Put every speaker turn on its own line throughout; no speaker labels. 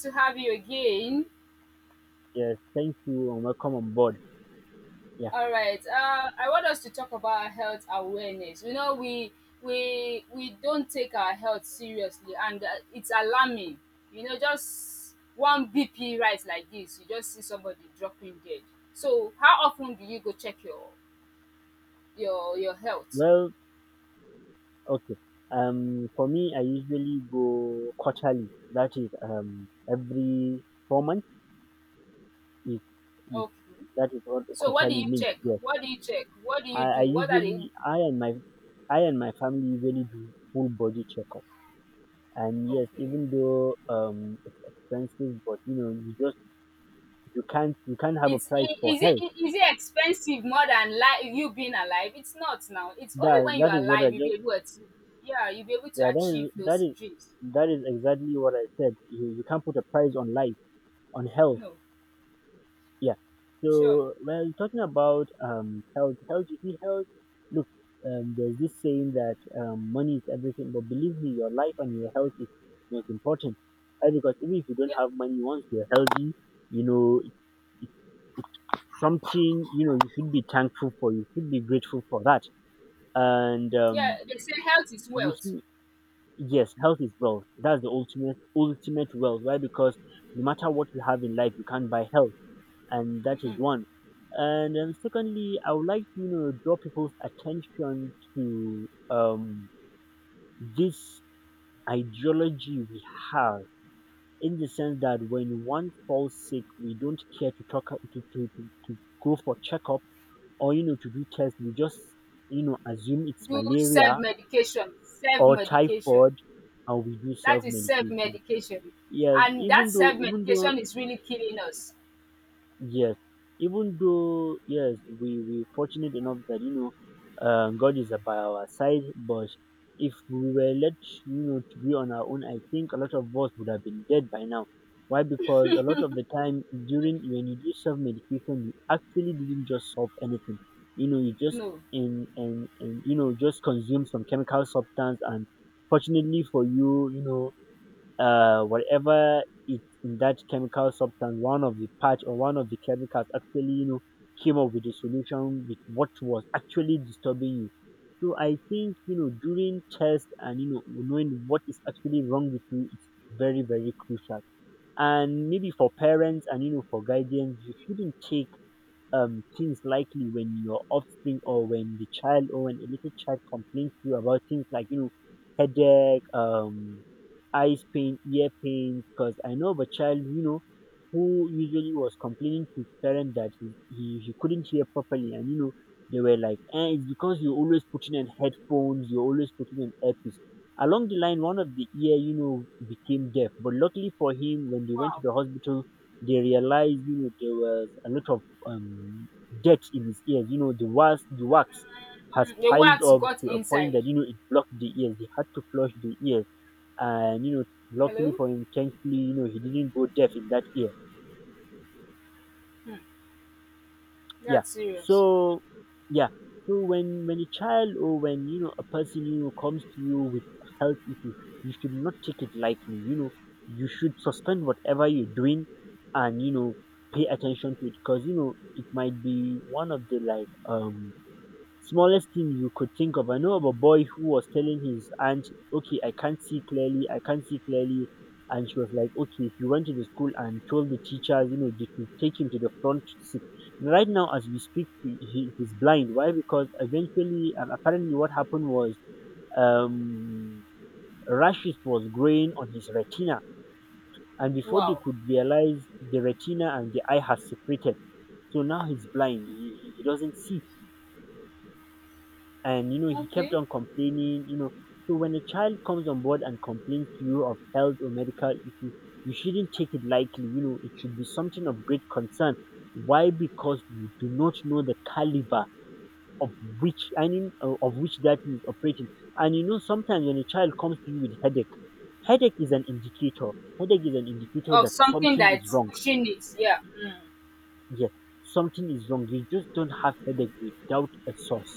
To have you again.
Yes, thank you and welcome on board. Yeah,
All right. I want us to talk about health awareness. You know, we don't take our health seriously, and it's alarming. You know, just one BP rise like this, you just see somebody dropping dead. So, how often do you go check your health?
well, okay. For me, I usually go quarterly. That is, every 4 months is, is
Okay.
that is what
So, what do
quarterly
you
means.
check?
Yes,
What do you check? What do you
I
do? What are the
usually, I and my family usually do full body checkup. And yes,
Okay?
even though it's expensive, but you know, you just you can't have a
It's i
price for
is it
health.
I is it expensive more than li you being alive? It's not now. It's only
That
when you're
that is what I
alive you'll be
just
able to yeah, you'll be able to
Yeah,
achieve those dreams.
that is exactly what I said. You can't put a price on life, on health.
No,
Yeah.
sure.
So well, talking about health. Look, there's this saying that money is everything, but believe me, your life and your health is most important. Right? Because even if you don't
Yeah,
have money, once you're healthy, you know it, it's something you know you should be thankful for. You should be grateful for that. And
yeah,
um,
they say health is
you
wealth.
see, Yes, health is wealth. That's the ultimate wealth. Why? Because no matter what you have in life, you can't buy health, and that is one. And secondly, I would like to you know draw people's attention to this ideology we have, in the sense that when one falls sick, we don't care to talk to go for checkup or you know to do tests. We just you know assume it's
Do
malaria
self-medication,
or
self-medication.
typhoid, and we do
That
self
is
medication.
self-medication,
Yes,
and that self-medication is really killing us.
yes, even though, yes, we fortunate enough that you know, God is by our side. But if we were left, you know, to be on our own, I think a lot of us would have been dead by now. Why? Because a lot of the time during when you do self medication, you actually didn't just solve anything. You know, you just
No.
in and you know just consume some chemical substance, and fortunately for you, you know, whatever it in that chemical substance, one of the parts or one of the chemicals actually, you know, came up with a solution with what was actually disturbing you. So I think, you know, during test and, you know, knowing what is actually wrong with you, it's very, very crucial. And maybe for parents and, you know, for guardians, you shouldn't take things likely when your offspring or when the child or when a little child complains to you about things like you know headache, eyes pain, ear pain. Because I know of a child you know who usually was complaining to his parent that he couldn't hear properly, and you know they were like, eh, it's because you're always putting in headphones, you're always putting in earpiece. Along the line, one of the ear, you know, became deaf. But luckily for him, when they went to
Wow.
the hospital, they realized, you know, there was a lot of um, dirt in his ears. You know, the wax has
The
piled
wax
up
got
to a point
inside.
that, you know, it blocked the ears. He had to flush the ears. And, you know, luckily
Hello?
for him, thankfully, you know, he didn't go deaf in that ear. Yeah.
That's serious.
So, yeah. So when a child or when, you know, a person, you know, comes to you with health issues, you should not take it lightly. You know, you should suspend whatever you're doing and, you know, pay attention to it because, you know, it might be one of the like, smallest thing you could think of. I know of a boy who was telling his aunt, okay, I can't see clearly, I can't see clearly. And she was like, okay, if you went to the school and told the teachers, you know, they could take him to the front seat. Right now, as we speak, he's blind. Why? Because eventually, apparently, what happened was um, rashes was growing on his retina. And before they
Wow.
could realize, the retina and the eye has separated. So now he's blind. He doesn't see. And you know he kept
Okay.
on complaining, you know. So when a child comes on board and complains to you of health or medical issues, you shouldn't take it lightly. You know, it should be something of great concern. Why? Because you do not know the caliber of which I mean of which that is operating. And you know sometimes when a child comes to you with headache, Headache is an indicator. Headache is an indicator
Of
that
something
something is
that's
wrong.
pushing it, yeah.
Yes, something is wrong. You just don't have headache without a source.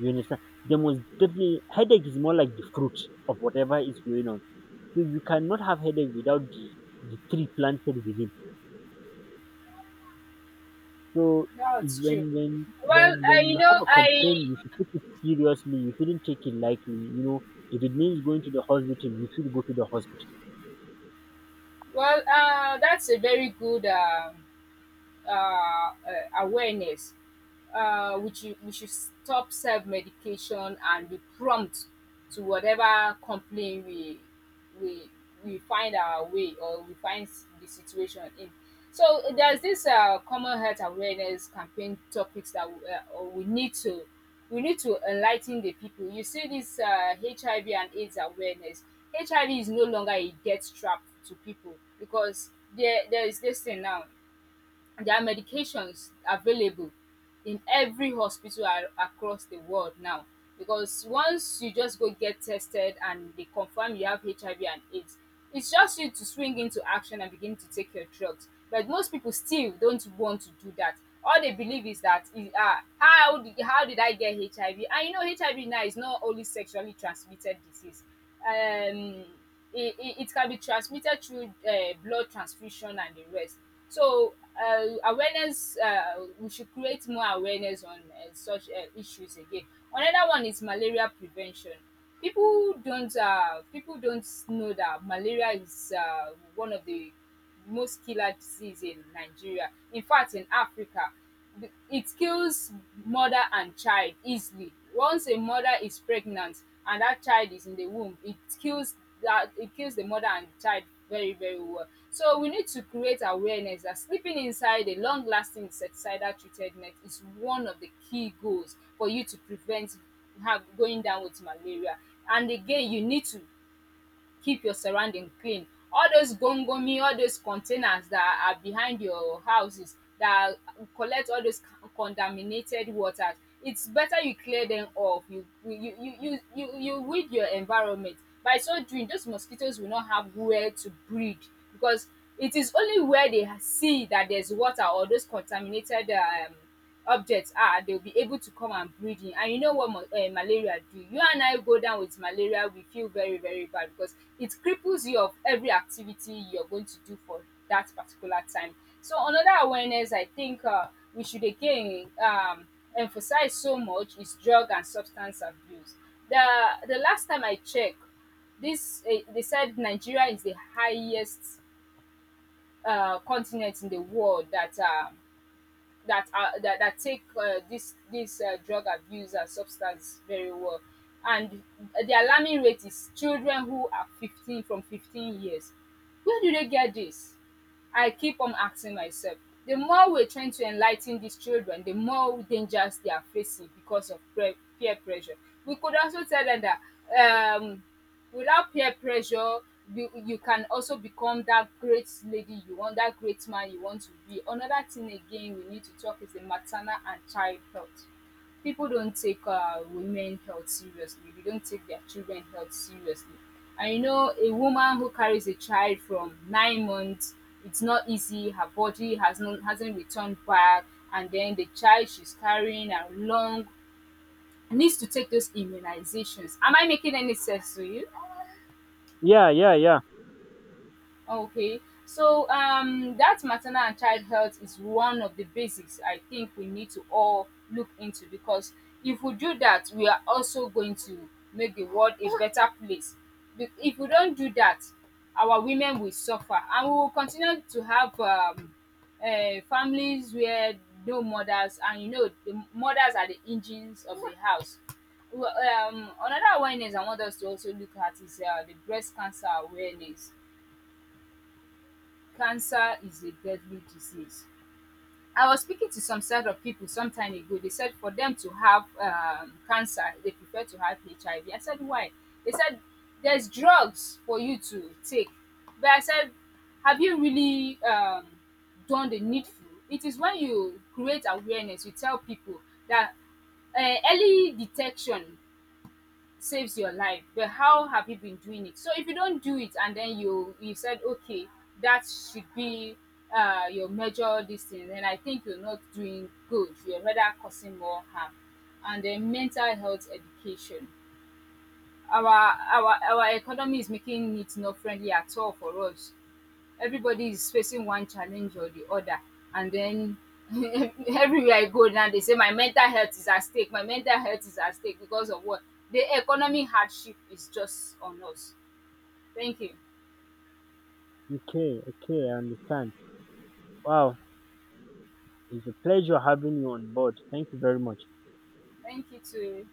You understand? There must definitely, headache is more like the fruit of whatever is going on. So you cannot have headache without the tree planted within. So
No, it's
when
true.
when
Well,
when when
you
you have
know,
a
I
complaint, you should take it seriously. You shouldn't take it lightly. You know, if it means going to the hospital, you should go to the hospital.
well, that's a very good uh, uh, awareness. We should stop self medication and be prompt to whatever complaint we we find our way, or we find the situation in. So there's this common health awareness campaign topics that we need to, enlighten the people. You see this HIV and AIDS awareness. HIV is no longer a death trap to people because there is this thing now. There are medications available in every hospital across the world now, because once you just go get tested and they confirm you have HIV and AIDS, it's just you to swing into action and begin to take your drugs. But most people still don't want to do that. All they believe is that is, how did I get HIV? And you know, HIV now is not only sexually transmitted disease. Um, it can be transmitted through blood transfusion and the rest. So, awareness, we should create more awareness on such issues again. Another one is malaria prevention. People don't know that malaria is one of the most killer disease in Nigeria. In fact, in Africa, it kills mother and child easily. Once a mother is pregnant and that child is in the womb, it kills the mother and the child very, very well. So we need to create awareness that sleeping inside a long-lasting insecticidal treated net is one of the key goals for you to prevent have going down with malaria. And again, you need to keep your surrounding clean. All those gongomi, all those containers that are behind your houses that collect all those contaminated waters, it's better you clear them off. You weed your environment. By so doing, those mosquitoes will not have where to breed, because it is only where they see that there's water or those contaminated objects are, they'll be able to come and breed in. And you know what malaria do, you and I go down with malaria, we feel very, very bad because it cripples you of every activity you're going to do for that particular time. So another awareness I think we should again, emphasize so much is drug and substance abuse. The the last time I checked this they said Nigeria is the highest continent in the world that take, this this drug abuse and substance very well. And the alarming rate is children who are 15, from 15 years. Where do they get this? I keep on asking myself. The more we're trying to enlighten these children, the more dangers they are facing because of peer pressure. We could also tell them that without peer pressure, you can also become that great lady you want, that great man you want to be. Another thing again we need to talk is the maternal and child health. People don't take women health seriously, they don't take their children health seriously. And you know a woman who carries a child from 9 months, it's not easy. Her body hasn't returned back, and then the child she's carrying are long, needs to take those immunizations. Am I making any sense to you?
Yeah, yeah, yeah.
Okay, so that maternal and child health is one of the basics I think we need to all look into, because if we do that, we are also going to make the world a better place. If we don't do that, our women will suffer and we will continue to have families where no mothers, and you know the mothers are the engines of the house. Well, another awareness I want us to also look at is the breast cancer awareness. Cancer is a deadly disease. I was speaking to some set of people some time ago. They said for them to have cancer, they prefer to have HIV. IV. I said, why? They said, there's drugs for you to take. But I said, have you really done the needful? It is when you create awareness, you tell people that early detection saves your life. But how have you been doing it? So if you don't do it, and then you said okay, that should be your major this thing, then I think you're not doing good, you're rather causing more harm. And then mental health education, our economy is making it not friendly at all for us, everybody is facing one challenge or the other. And then everywhere I go now, they say my mental health is at stake, my mental health is at stake because of what? The economic hardship is just on us. Thank you.
Okay, okay, I understand. Wow, it's a pleasure having you on board. Thank you very much.
Thank you to.